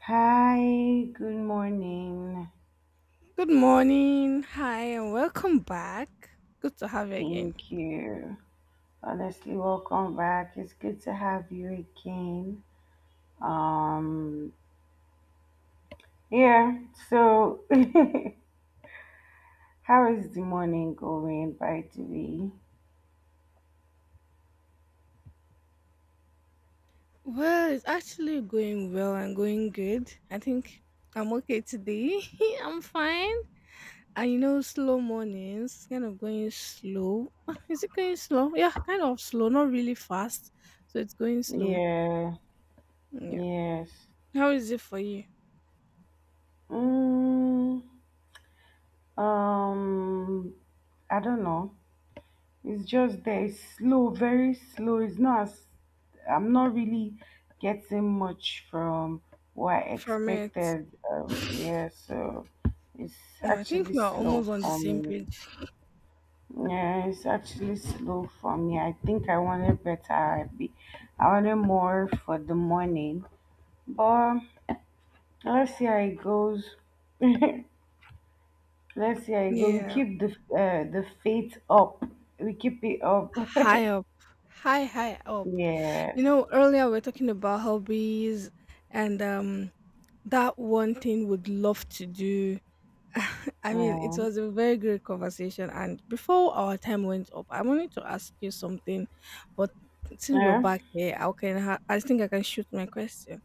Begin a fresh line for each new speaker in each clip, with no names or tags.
Hi, good morning.
Good morning. Hi, and welcome back. Good to have you again.
Thank you. Honestly, welcome back. It's good to have you again. Um, yeah, so how is the morning going, by the way?
Well, it's actually going well and going good. I think I'm okay today. I'm fine. And you know, slow mornings, kind of going slow. Ah, is it going slow? Yeah, kind of slow, not really fast. So it's going slow.
Yeah,
Yeah.
yes.
How is it for you
Mm, um, I don't know. It's just there. It's slow, very slow. It's not. As I'm not really getting much from what I
from it?
expected. Yeah, so it's
No, I think
actually
we are
slow
almost on the
for
same
me.
page.
Yeah, it's actually slow for me. I think I wanted better. I wanted more for the morning, but let's see how it goes. Let's see how it goes. We
Yeah.
keep the faith up. We keep it up.
High up. High, high up. You
Yeah,
know, earlier we were talking about hobbies and that one thing would love to do. I mean, it
yeah,
was a very great conversation. And before our time went up, I wanted to ask you something, but since we're
yeah,
back here, I think I can shoot my question.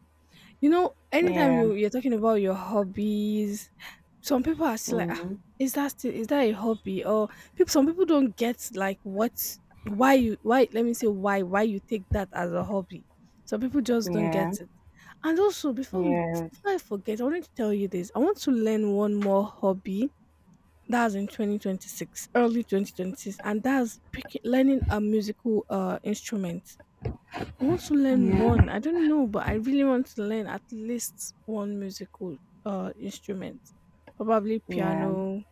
You know, anytime you
yeah.
you're talking about your hobbies, some people are still like, ah,
Hmm.
is that a hobby? Or some people don't get like what why you why let me say why you take that as a hobby. Some people just don't
Yeah.
get it. And also,
Yes.
before I forget, I wanted to tell you this. I want to learn one more hobby. That's in 2026, early 2026, and that's picking, learning a musical instrument. I want to learn one. I don't know, but I really want to learn at least one musical instrument. Probably
Yeah.
piano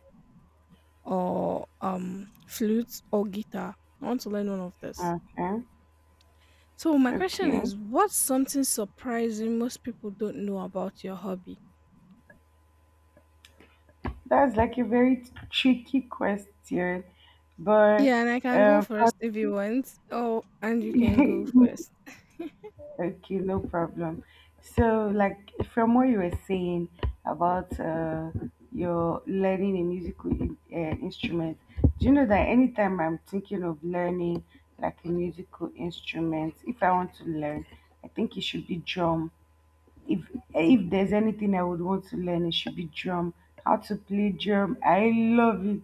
or flute or guitar. I want to learn one of this.
Okay.
So my question
Okay.
is, what's something surprising most people don't know about your hobby?
That's like a very tricky question, but
Yeah, and I can go
uh,
first
but-
if you want. Oh, and you can go first.
okay, no problem. So, like from what you were saying about your learning a musical instrument, do you know that anytime I'm thinking of learning like a musical instrument, if I want to learn, I think it should be drum. If if there's anything I would want to learn, it should be drum. How to play drum. I love it.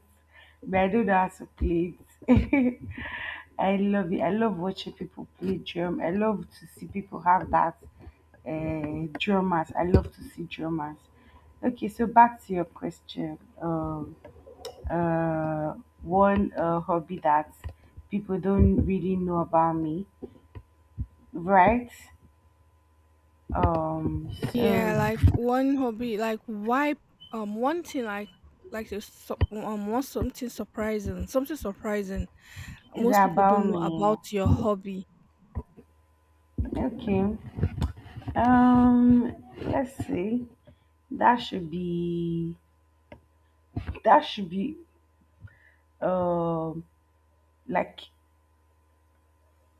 But I don't know how to play it. I love it. I love watching people play drum. I love to see people have that drummers. I love to see drummers. Okay, so back to your question. Uh, one hobby that people don't really know about me, right? Um, so
Yeah, like one hobby, like why one thing like to su- want something surprising
it's
most people
about
don't know
me.
about your hobby.
Okay. Um, let's see. That should be that should be um like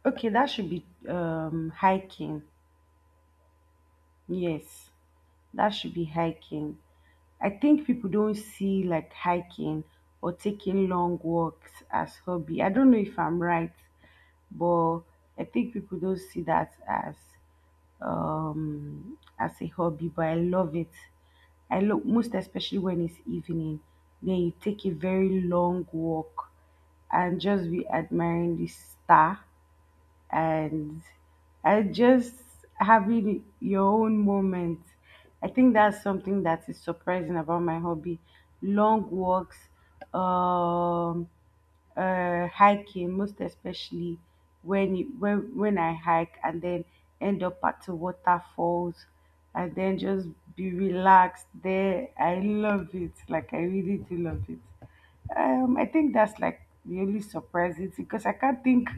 okay, that should be hiking. Yes. That should be hiking. I think people don't see like hiking or taking long walks as hobby. I don't know if I'm right, but I think people don't see that as a hobby, but I love it. I love most especially when it's evening. Then you take a very long walk and just be admiring the star, and and just having your own moment. I think that's something that is surprising about my hobby. Long walks, um, hiking, most especially when you, when I hike and then end up at the waterfalls and then just be relaxed there. I love it. Like, I really do love it. I think that's like really surprising because I can't think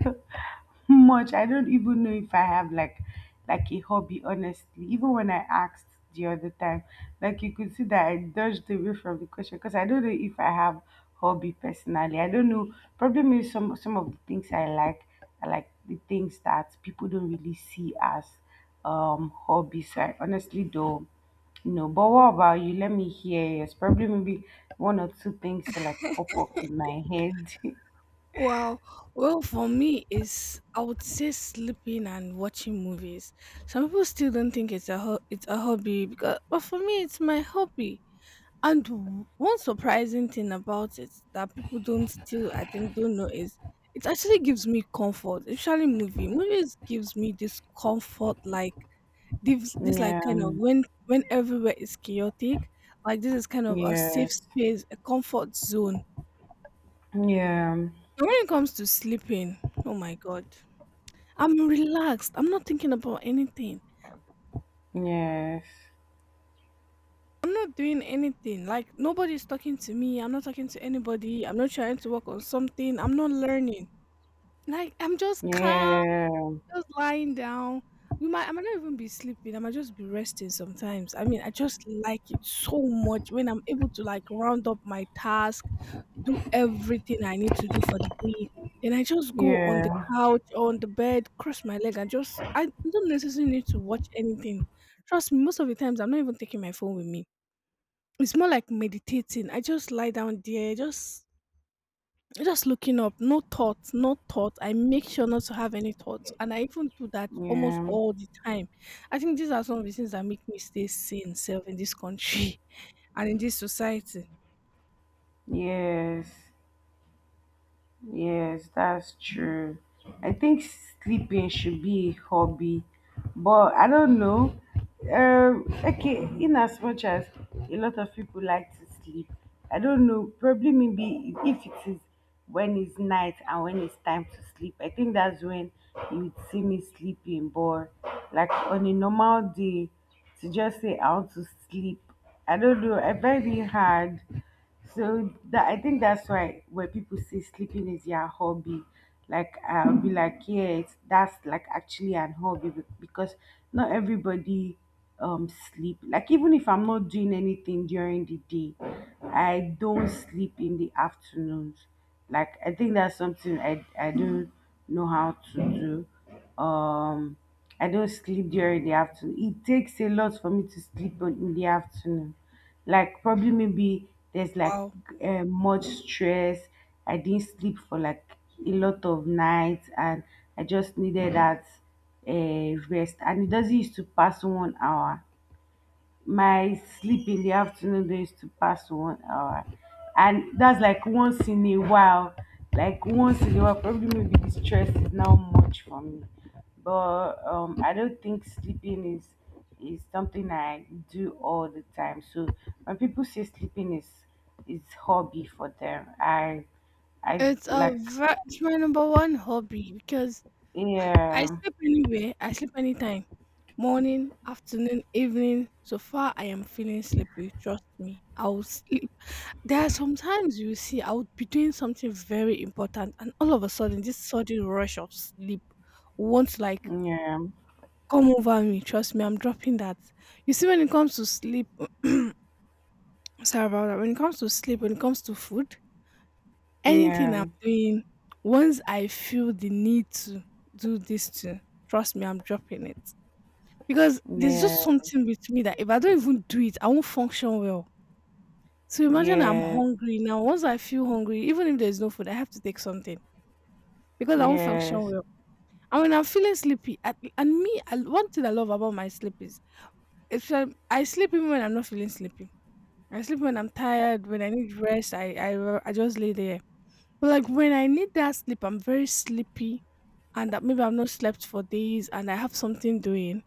much. I don't even know if I have like a hobby, honestly. Even when I asked the other time, like, you could see that I dodged away from the question because I don't know if I have hobby personally. I don't know. Probably maybe some of the things I like are like the things that people don't really see as hobbies. So I honestly don't know. But what about you? Let me hear yours. Probably maybe one or two things to like pop up in my head.
Well, well, for me is I would say sleeping and watching movies. Some people still don't think it's a hobby because but for me it's my hobby. And one surprising thing about it that people don't still, I think, don't know is it actually gives me comfort, especially movie. Movies gives me this comfort, like this, this
yeah.
like kind of
um,
when everywhere is chaotic, like this is kind of a safe
Yes.
space, a comfort zone.
Yeah.
And when it comes to sleeping, oh my god, I'm relaxed. I'm not thinking about anything.
Yes.
I'm not doing anything. Like nobody's talking to me. I'm not talking to anybody. I'm not trying to work on something. I'm not learning. Like I'm just calm,
Yeah.
just lying down. You might I might not even be sleeping. I might just be resting sometimes. I mean, I just like it so much when I'm able to like round up my task, do everything I need to do for the day. Then I just go on the
Yeah.
couch or on the bed, cross my leg, and just I don't necessarily need to watch anything. Trust me, most of the times I'm not even taking my phone with me. It's more like meditating. I just lie down there, just looking up, no thoughts, no thoughts. I make sure not to have any thoughts, and I even do that almost
Yeah.
all the time. I think these are some of the things that make me stay sane self in this country and in this society.
Yes. Yes, that's true. I think sleeping should be a hobby, but I don't know. Okay, in as much as a lot of people like to sleep, I don't know. Probably maybe if it is when it's night and when it's time to sleep, I think that's when you would see me sleeping. But like on a normal day, to just say I want to sleep, I don't know. I find it hard. So that I think that's why when people say sleeping is your hobby, like I'll be like, yeah, it's, that's like actually an hobby because not everybody sleep. Like even if I'm not doing anything during the day, I don't sleep in the afternoons. Like I think that's something I don't know how to do. I don't sleep during the afternoon. It takes a lot for me to sleep in the afternoon. Like probably maybe there's like
Wow.
much stress. I didn't sleep for like a lot of nights, and I just needed that rest. And it doesn't used to pass 1 hour, my sleep in the afternoon do used to pass 1 hour. And that's like once in a while. Like once in a while, probably maybe the stress is now much for me. But I don't think sleeping is something I do all the time. So when people say sleeping is hobby for them, I like
It's my number one hobby because I
yeah,
sleep anywhere. I sleep anytime, morning, afternoon, evening. So far, I am feeling sleepy. Trust me, I'll sleep. There are sometimes you see, I would be doing something very important, and all of a sudden, this sudden rush of sleep won't like
yeah,
come over me. Trust me, I'm dropping that. You see, when it comes to sleep, sorry about that. When it comes to sleep, when it comes to food, anything I'm
yeah,
doing, once I feel the need to do this too, trust me, I'm dropping it because there's
yeah,
just something with me that if I don't even do it, I won't function well. So imagine I'm
yeah,
hungry now. Once I feel hungry, even if there's no food, I have to take something, because I won't function
yes,
well. And when I'm feeling sleepy, I, and me, I, one thing I love about my sleep is if I, I sleep even when I'm not feeling sleepy. I sleep when I'm tired, when I need rest, I just lay there. But like when I need that sleep, I'm very sleepy and that maybe I've not slept for days and I have something doing.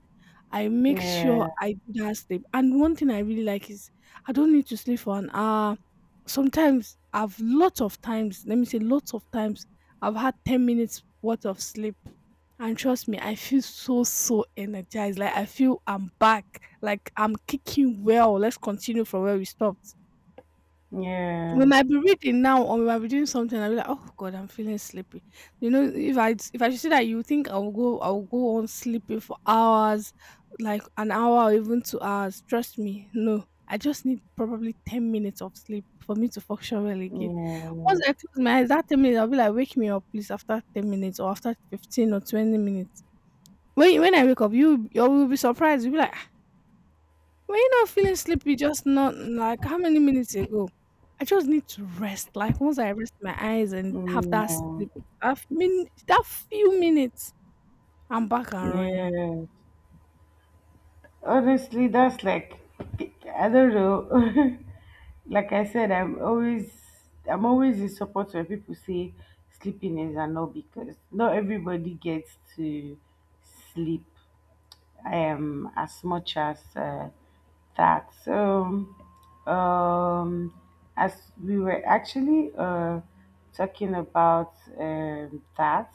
I make sure
yeah,
I do that sleep. And one thing I really like is I don't need to sleep for an hour. Sometimes I've lots of times, let me say lots of times, I've had 10 minutes worth of sleep. And trust me, I feel so, so energized. Like I feel I'm back. Like I'm kicking well. Let's continue from where we stopped. We
yeah.
might be reading now or we might be doing something. I'll be like, oh God, I'm feeling sleepy. You know, if I should say that you think I'll go on sleeping for hours, like an hour or even 2 hours. Trust me, no. I just need probably 10 minutes of sleep for me to function well again.
Yeah,
Once I close my eyes, that 10 minutes I'll be like, wake me up please after 10 minutes or after 15 or 20 minutes. When I wake up, you will be surprised. You'll be like, were you not feeling sleepy just not like how many minutes ago? I just need to rest. Like once I rest my eyes and have that
yeah,
sleep, that few minutes, I'm back and running.
yeah. Honestly, that's like, I don't know. Like I said, I'm always in support when people say sleeping is a no because not everybody gets to sleep. As much as that. So, um, as we were actually talking about that,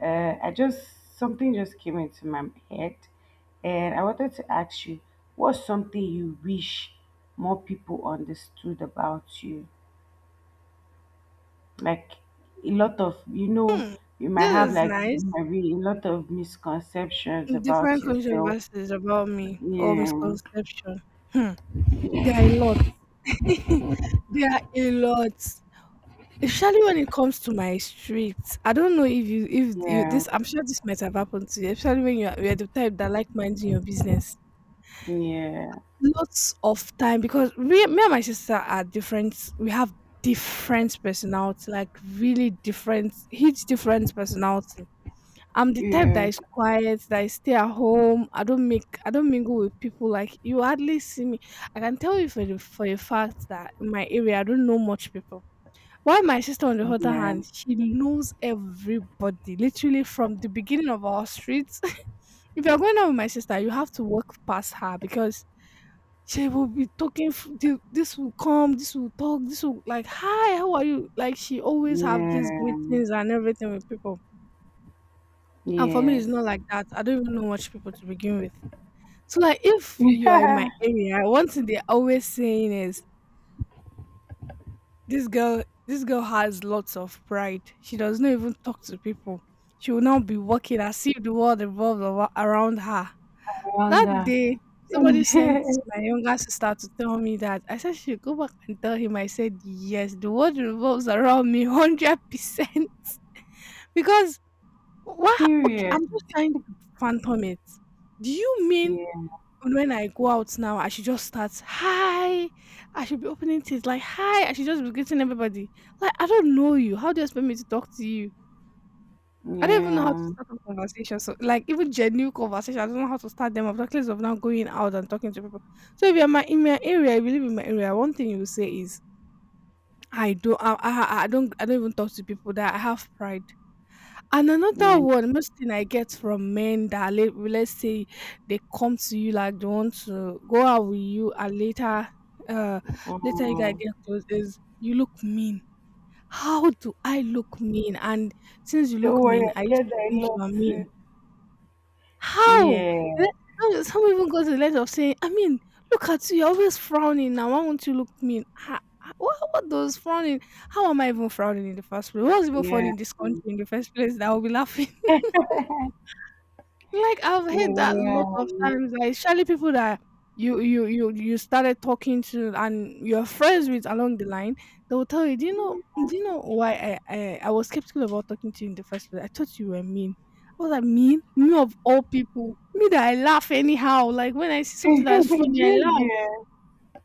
uh, I just something just came into my head, and I wanted to ask you, what's something you wish more people understood about you? Like, a lot of, you know,
Hmm.
you might
This
have
is
like
nice.
maybe a lot of misconceptions
Different
about yourself.
controversies about me or
Yeah.
misconception. Hmm. There are a lot. There are a lot. Especially when it comes to my streets. I don't know if you
Yeah,
this I'm sure this might have happened to you, especially when you're the type that like minding your business.
yeah,
Lots of time because we me and my sister are different. We have different personality, like really different, huge different personality. I'm the type that
yeah,
is quiet, that I stay at home. I don't mingle with people. Like you hardly see me. I can tell you for a fact that in my area I don't know much people. While my sister, on the other
yeah,
hand, she knows everybody, literally from the beginning of our streets. If you're going out with my sister, you have to walk past her because she will be talking. This will come. This will talk. This will like, hi, how are you? Like she always have these
yeah,
greetings and everything with people. And for me, it's
yes.
not like that. I don't even know much people to begin with. So like, if you are in my
I
area, one thing they're always saying is, this girl, has lots of pride. She does not even talk to people. She will not be walking as if the world around her. That
wonder.
day, somebody sent my younger sister to tell me that. I said she should go back and tell him. I said yes, the world revolves around me 100%. Because what? Okay,
Period.
I'm just trying to phantom it. Do you mean
Yeah,
and when I go out now, I should just start hi. I should be opening things like hi. I should just be greeting everybody. Like I don't know you. How do you expect me to talk to you? I don't even know how to
yeah,
start a conversation. So like even genuine conversation, I don't know how to start them. I've not of now going out and talking to people. So if you're my in my area, I believe in my area, one thing you will say is I do. I don't even talk to people that I have pride. And another
yeah.
one, most thing I get from men that let's say they come to you like they want to go out with you and later uh later you guys
Mm.
get close is, you look mean. How do I look mean? And since you
Don't
look
worry,
mean, I
I
used to
get that a
think you
lot
are mean.
too.
How? Le
Yeah,
How is how even got to the length of saying, "I mean, look at you, you're always frowning now, why won't you look mean?" Ha ha, what does frowning, how am I even frowning in the first place? What's even funny
yeah,
in this country in the first place that I will be laughing? Like, I've heard that
yeah.
lot of times, like, surely people that you started talking to and you're friends with along the line, they will tell you, do you know why I was skeptical about talking to you in the first place? I thought you were mean." I was like, "Mean? Me of all people? Me that I laugh anyhow. Like when I see something that's funny, I laugh."
Jiggy.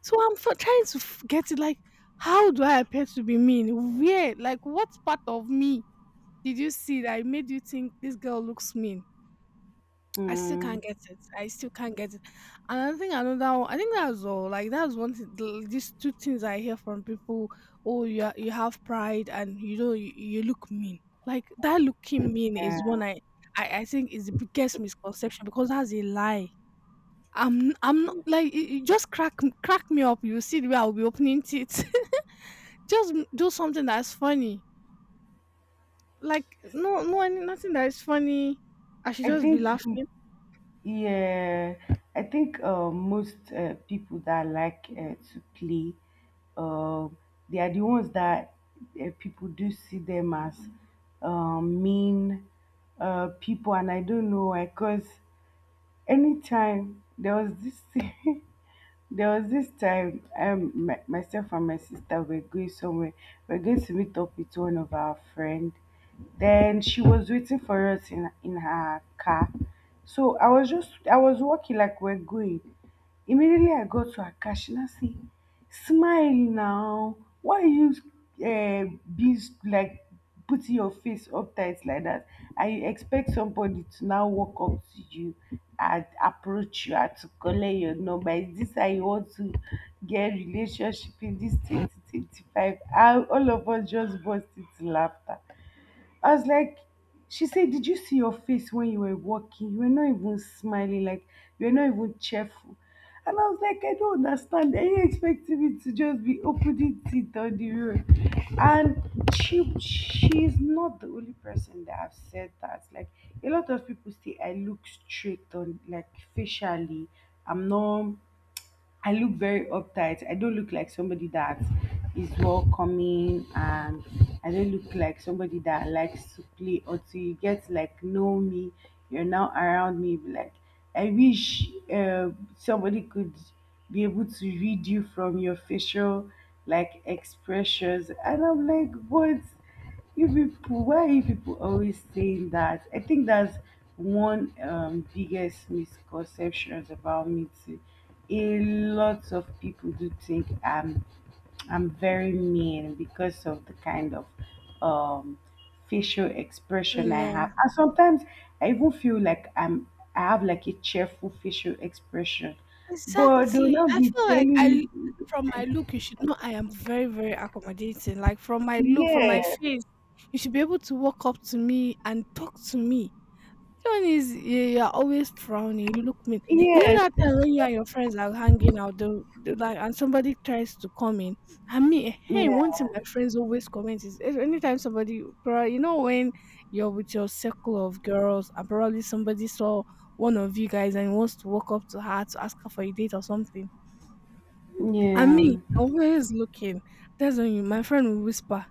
So trying to get it. Like, how do I appear to be mean? Where? Like, what part of me did you see that made you think this girl looks mean? I still can't
Mm,
get it. I still can't get it. And I think another one, I think that's all. Like that's one thing. These two things I hear from people. Oh, you are, you have pride, and you know you look mean. Like that looking mean is
yeah.
one I think is the biggest misconception because that's a lie. I'm not, like it just crack me up. You see the way I'll be opening teeth. just do something that's funny. Like no, nothing that is funny. I should
I
just be
think,
laughing.
yeah, I think most people that like to play, um, they are the ones that people do see them as mean people, and I don't know why. Cause anytime there was this thing, there was this time my, myself and my sister were going somewhere. We are going to meet up with one of our friend. Then she was waiting for us in her car. So I was walking like we're going. Immediately I got to her car, she now see, smile now, why you be like putting your face uptight like that, and you expect somebody to now walk up to you and approach you and to collect your number? Is this how you want to get relationship in this 2025? And all of us just burst into laughter. I was like, she said, did you see your face when you were walking? You were not even smiling, like, you were not even cheerful. And I was like, I don't understand. Are you expecting me to just be opening teeth on the road? And she's not the only person that have said that. Like, a lot of people say I look straight on, like, facially. I'm not, I look very uptight. I don't look like somebody that is welcoming, and I don't look like somebody that likes to play until you get to, like, know me. You're now around me. Be like, I wish somebody could be able to read you from your facial like expressions, and I'm like, what? You people, why are you people always saying that? I think that's one biggest misconceptions about me too. A lot of people do think I'm very mean because of the kind of um facial expression I have.
Yeah.
And sometimes I even feel like I have like a cheerful facial expression, but they'll
Exactly.
not
I
be
feel like
telling.
from my look, you should know I am very, very accommodating. Like from my look, from my
Yes,
face, you should be able to walk up to me and talk to me. John is you're always frowning. You look mean. You
yes,
know that time when you and your friends are hanging out, like, and somebody tries to come in. I mean, hey, one
yeah,
thing my friends always comment is if anytime somebody, probably, you know, when you're with your circle of girls, and probably somebody saw one of you guys and wants to walk up to her to ask her for a date or something. I
yeah.
mean, always looking. That's when you, my friend will whisper.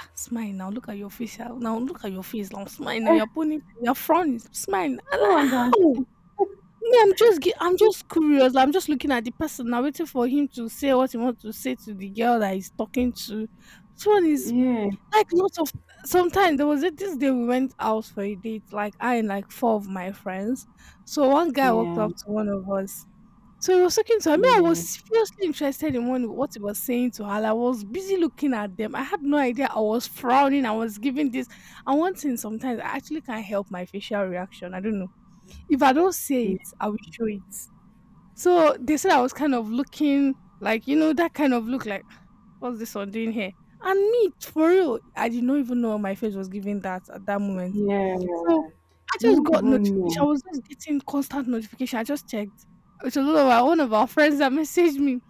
"Ah, smile now, look at your face. Ah, now look at your face. Now smile now. You're pulling, you're frowning. Smile." I'm like,
You
how?
understand?
Me, I'm just curious. I'm just looking at the person now, waiting for him to say what he wants to say to the girl that he's talking to. This one is
Yeah,
like lots of sometimes there was a, this day we went out for a date, like I and like four of my friends. So one guy walked
yeah,
up to one of us. So he was talking to her. Me, I was
yeah,
seriously interested in one, what he was saying to her. Like, I was busy looking at them. I had no idea. I was frowning. I was giving this. And one thing sometimes I actually can't help my facial reaction. I don't know. If I don't say it, I will show it. So they said I was kind of looking like, you know, that kind of look like, what's this one doing here? And me, for real, I did not even know my face was giving that at that moment.
yeah.
So I
You
just
won't
got
even
notification. I
know.
was just getting constant notification. I just checked. It's a lot of our, one of our friends that messaged me,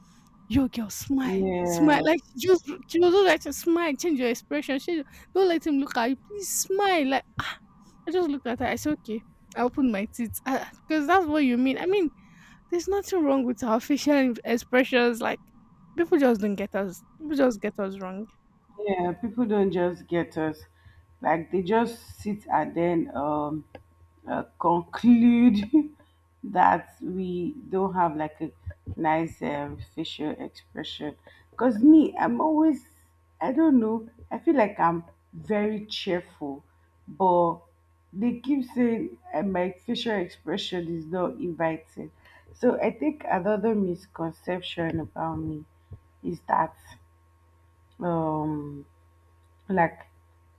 "Yo, girl, smile, smile."
Yeah.
Like, she was just like, to smile, change your expression. She, don't let him look at you. Please smile. Like, ah. I just looked at her. I said, okay. I opened my teeth. Because that's what you mean. I mean, there's nothing wrong with our facial expressions. Like people just don't get us. People just get us wrong.
Yeah, people don't just get us. Like they just sit and then conclude that we don't have like a nice facial expression. Because me, I'm always, I don't know, I feel like I'm very cheerful, but they keep saying my facial expression is not inviting. So I think another misconception about me is that. Um, like,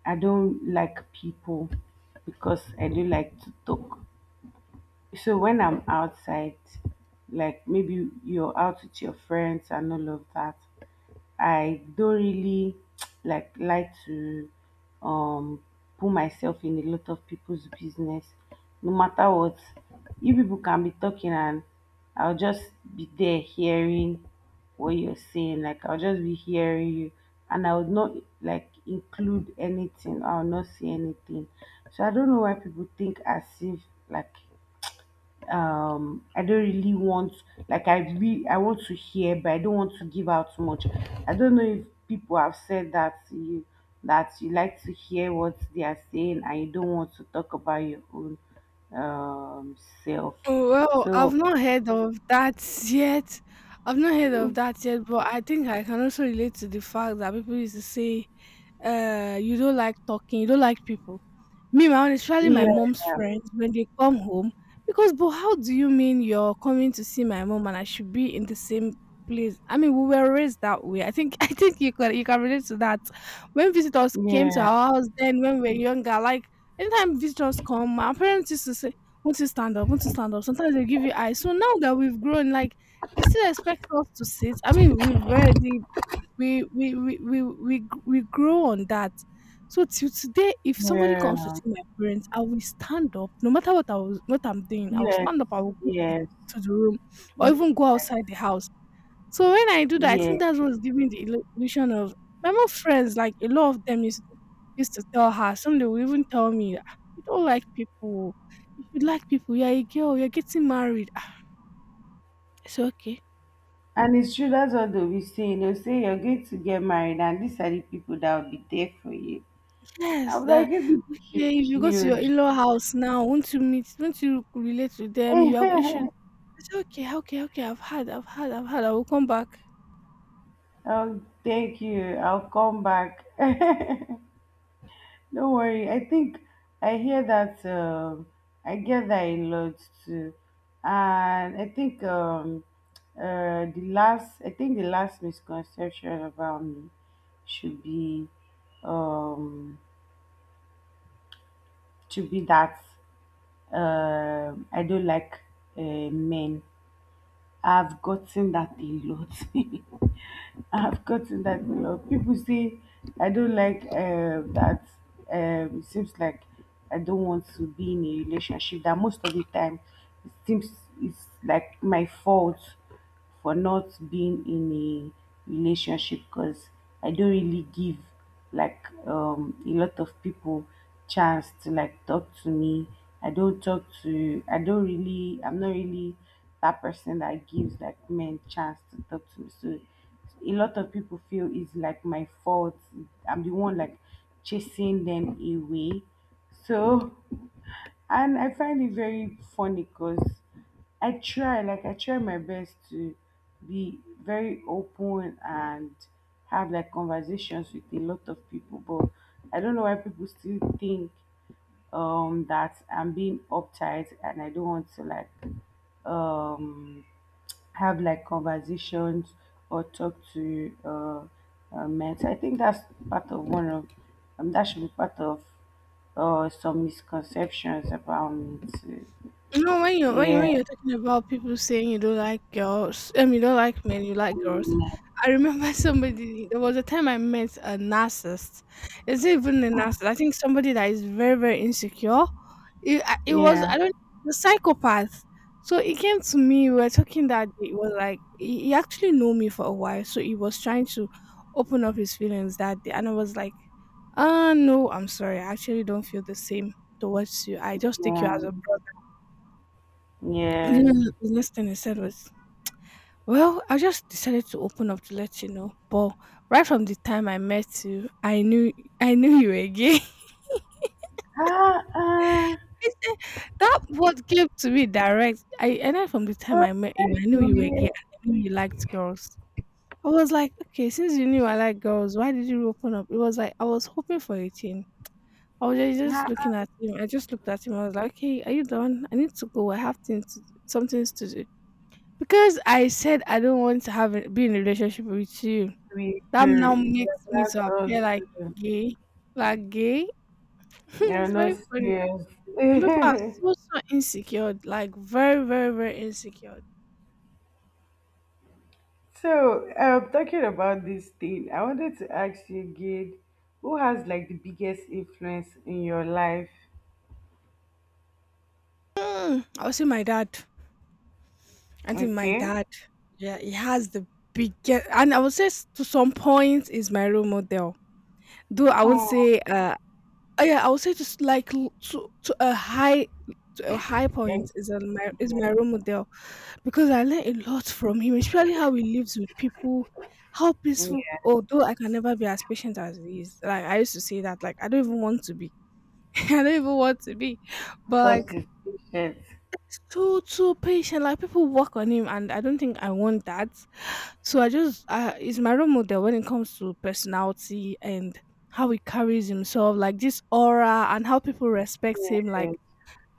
I don't like people because I do like to talk. So when I'm outside, like maybe you're out with your friends and all of that, I don't really like to um put myself in a lot of people's business, no matter what. You people can be talking and I'll just be there hearing what you're saying. Like I'll just be hearing you, and I would not like include anything. I'll not say anything. So I don't know why people think as if like I don't really want like I really, I want to hear, but I don't want to give out too much. I don't know if people have said that to you, that you like to hear what they are saying and you don't want to talk about your own um self.
Oh, well, I've
So,
not heard of that yet. I've not heard of that yet, but I think I can also relate to the fact that people used to say, you don't like talking, you don't like people. Me, my own, especially my
yeah,
mom's friends, when they come home, because, but how do you mean you're coming to see my mom and I should be in the same place? I mean, we were raised that way. I think, I think you can relate to that. When visitors came to
yeah,
our house, then when we were younger, like, anytime visitors come, my parents used to say, won't you stand up? Won't you stand up? Sometimes they give you eyes. So now that we've grown, like you still expect us to sit. I mean, we've already we grow on that. So till today, if somebody comes to
yeah,
see my parents, I will stand up. No matter what I was what I'm doing, I will
yes,
stand up. I will go
yes,
to the room or even go
yes,
outside the house. So when I do that, I think
yes.
that's what's giving the illusion of my more friends, like a lot of them used to, used to tell her, some they will even tell me, "Ah, you don't like people. You should like people. You're a girl, you're getting married. Ah," I said, okay.
And it's true, that's what they'll be saying. They'll say you're going to get married and these are the people that will be there for you.
Yes,
I'm like,
that
you be chill,
okay, if you go to your
chill.
in-law house now, won't you relate to them? You should
Oh,
I said, okay, I've had, I will come back.
thank you. I'll come back. Don't worry. I think I hear that. I get that a lot too, and I think the last. I think the last misconception about me should be um should be that I don't like uh, men. I've gotten that a lot. I have gotten that a lot. People say I don't like that. It seems like I don't want to be in a relationship, that most of the time, it seems it's like my fault for not being in a relationship, because I don't really give like a lot of people chance to like talk to me. I don't talk to I don't really I'm not really that person that gives like men chance to talk to me, so a lot of people feel it's like my fault. I'm the one like chasing them away, so. And I find it very funny, because I try my best to be very open and have like conversations with a lot of people, but I don't know why people still think that I'm being uptight and I don't want to like um have like conversations or talk to men. So I think that's part of one of that should be part of some misconceptions about me too.
No, when you when you
Yeah,
when you're talking about people saying you don't like girls, I mean you don't like men, you like girls. I remember somebody. There was a time I met a narcissist. It's not even a narcissist. I think somebody that is very very insecure. It, I- it was
yeah,
I don't the psychopath. So he came to me. We were talking that day. It was like he actually knew me for a while, so he was trying to open up his feelings that day, and I was like, no, I'm sorry. I actually don't feel the same towards you. I just take you
yeah,
as a brother, and then
yes.
the next thing he said was, "Well, I just decided to open up to let you know. But right from the time I met you, I knew you were gay."
Ah, ah,
He said, that what came to me direct. I and then from the time
oh,
I met you,
that's
I knew
so
you were gay.
weird.
I knew you liked girls. I was like, okay, since you knew I like girls, why did you open up? It was like I was hoping for a thing. I was just
Ah,
looking at him. I just looked at him. I was like, okay, are you done? I need to go. I have things to, some things to do. Because I said I don't want to be in a relationship with you.
we
That now
do. It
makes
does
me
not
to appear like
you.
gay. Like gay.
You're
It's
not
very funny.
serious.
Some people are so so insecure, like very, very, very insecure.
So, talking about this thing, I wanted to ask you again, who has like the biggest influence in your life?
Mm, I would say my dad. I think my
Okay.
dad, yeah, he has the biggest, and I would say to some point is my role model. Though I won't
Oh,
say, oh yeah, I would say just like to a high point
yes,
is a, my is my
yes.
role model because I learn a lot from him, especially how he lives with people, how peaceful.
Yeah,
Although I can never be as patient as he is, like I used to say that, like I don't even want to be, I don't even want to be, but
because
like
it's patient.
too patient. Like people work on him, and I don't think I want that. So I just, I, is my role model when it comes to personality and how he carries himself, like this aura and how people respect him. Like
Yes.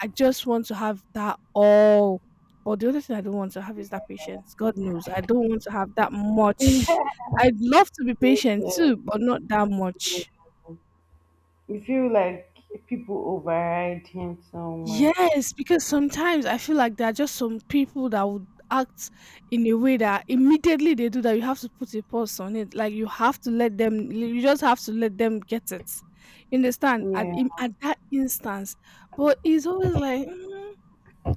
I just want to have that all. But the other thing I don't want to have is that patience. God knows. I don't want to have that much.
Yes,
I'd love to be patient
yes,
too, but not that
yes.
much.
You feel like people override him so much.
Yes, because sometimes I feel like there are just some people that would act in a way that immediately they do that, you have to put a pause on it. Like you have to let them, you just have to let them get it. You understand? At
Yeah,
in- at that instance, but it's always like, "Mm,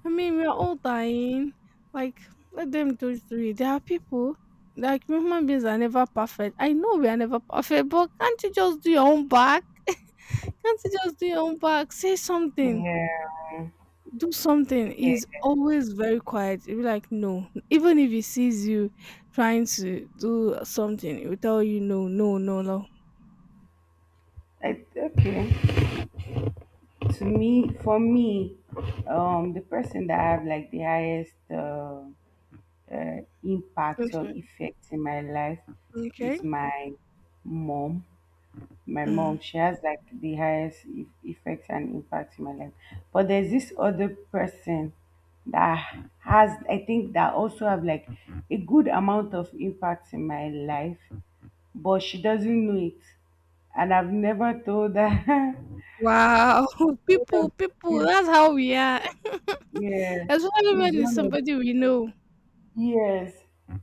I mean, we're all dying. Like, let them do it through it. There are people, like, human beings are never perfect. I know we are never perfect, but can't you just do your own back? Can't you just do your own back? Say something.
yeah.
Do something." He's always very quiet. He'll be like, no. Even if he sees you trying to do something, he'll tell you, no, no, no, no.
Okay. To me, for me, the person that I have like the highest impact or
Okay.
effect in my life
Okay.
is my mom. My
Mm.
mom, she has like the highest effect and impact in my life. But there's this other person that has, I think, that also have like a good amount of impact in my life, but she doesn't know it, and I've never told her.
Wow.
One
People,
of-
people,
is
that's how we are.
Yeah,
Especially
is
when it's
one of
somebody we know.
yes.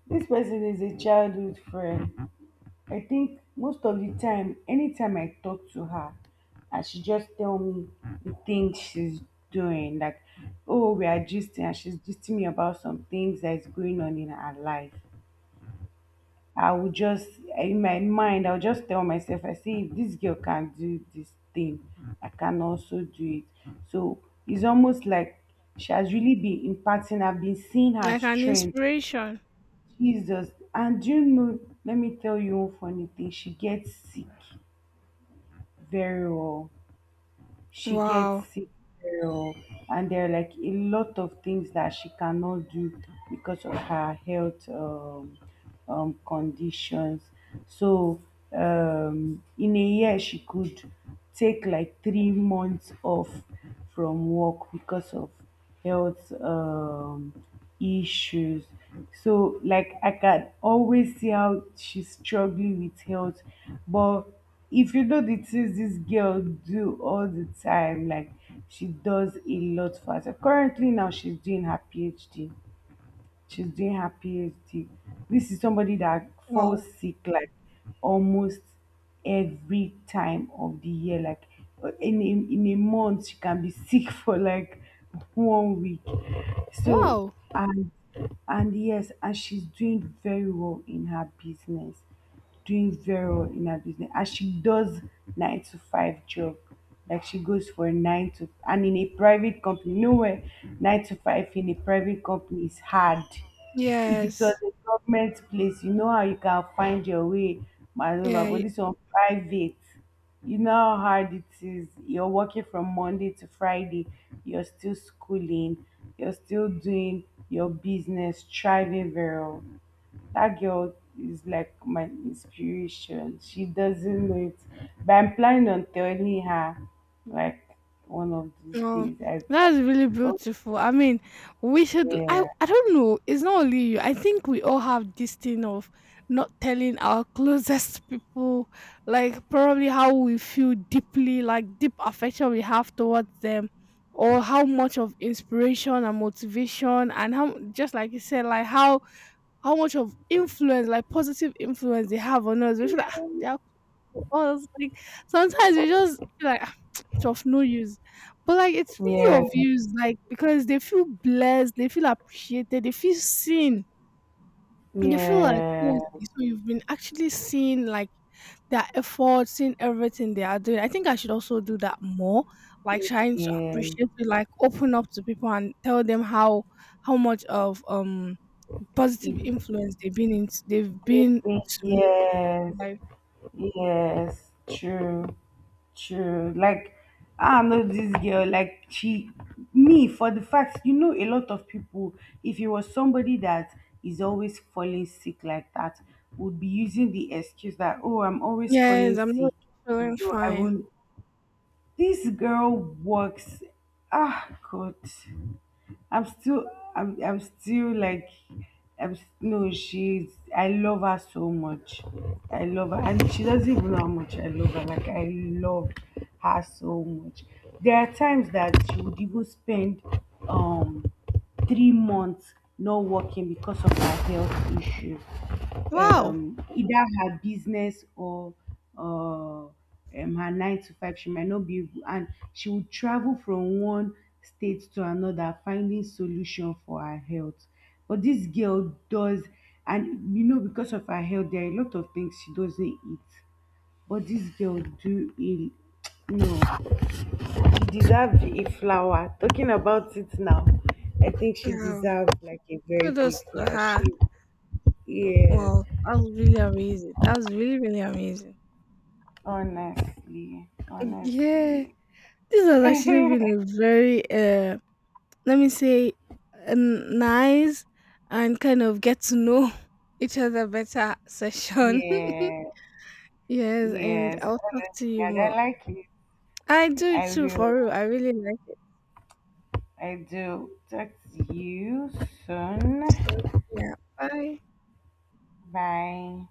This person is a childhood friend. I think most of the time, anytime I talk to her, and she just tell me the things she's doing, like, oh, we are gisting, and she's gisting me about some things that is going on in her life. I would just, in my mind, I would just tell myself, I say, if this girl can do this thing, I can also do it. So it's almost like she has really been imparting, I've been seeing her
Like an
strength.
inspiration.
Jesus. And do you know, let me tell you one funny thing, she gets sick very well. She gets
Wow.
sick very well, and there are like a lot of things that she cannot do because of her health, conditions. So, in a year, she could take like 3 months off from work because of health issues. So like, I can always see how she's struggling with health, but if you know the things this girl do all the time, like, she does a lot for herself. Currently now, she's doing her PhD. This is somebody that falls
Wow.
sick like almost every time of the year. Like, in a month, she can be sick for like 1 week. So,
Wow.
and and, yes, and she's doing very well in her business and she does nine to five job. Like, she goes for nine to, and in a private company. Nowhere nine to five in a private company is hard. If it was
Yes.
a government place, you know how you can find your way, maneuver.
Yeah.
But
y-
this one private, you know how hard it is. You're working from Monday to Friday, you're still schooling, you're still doing your business, thriving very well. That girl is like my inspiration. She doesn't know it, but I'm planning on telling her like one of these
No.
days.
That's really
Oh
beautiful. I mean, we should
yeah,
I don't know. It's not only you. I think we all have this thing of not telling our closest people like probably how we feel deeply, like deep affection we have towards them or how much of inspiration and motivation and how just like you said, like how much of influence, like positive influence they have on us. We feel like, "Ah, they are cool to us." Like sometimes we just feel like, "Ah," it's of no use. But like it's really
yeah,
of use, like because they feel blessed, they feel appreciated, they feel seen. They feel like,
yeah,
oh, so you've been actually seen like their efforts, seeing everything they are doing. I think I should also do that more, like trying to
yeah,
appreciate, like open up to people and tell them how much of positive influence they've
yeah,
been to me.
yes.
Like
Yes, true, true. Like I'm not this girl. Me for the fact, you know, a lot of people. If it was somebody that is always falling sick like that, would be using the excuse that, oh, I'm always falling
yes, I'm not
sick,
feeling
so I
fine.
won't. This girl works. Ah, God. I'm still I'm still like I'm s- no she's I love her so much. I love her, and she doesn't even know how much I love her. Like, I love her so much. There are times that she would even spend um 3 months not working because of her health issue.
Wow!
Either her business or uh, um, her nine to five, she might not be able, and she would travel from one state to another finding solution for her health. But this girl does, and because of her health, there are a lot of things she doesn't eat. But this girl do a no. She deserves a flower. Talking about it now, I think she
Yeah,
deserves like a very big
kudos to
flower.
her.
Yes,
Wow, that's really amazing. That's really, really amazing.
honestly,
Yeah,
honestly.
this has actually been a very, let me say, nice and kind of get to know each other better session.
Yeah,
Yes, and
yes,
I'll talk to
honestly.
you
And I
more.
like it.
I do
I
too,
will.
for real. I really like it.
I do. Talk to you soon.
So, yeah, bye.
Bye.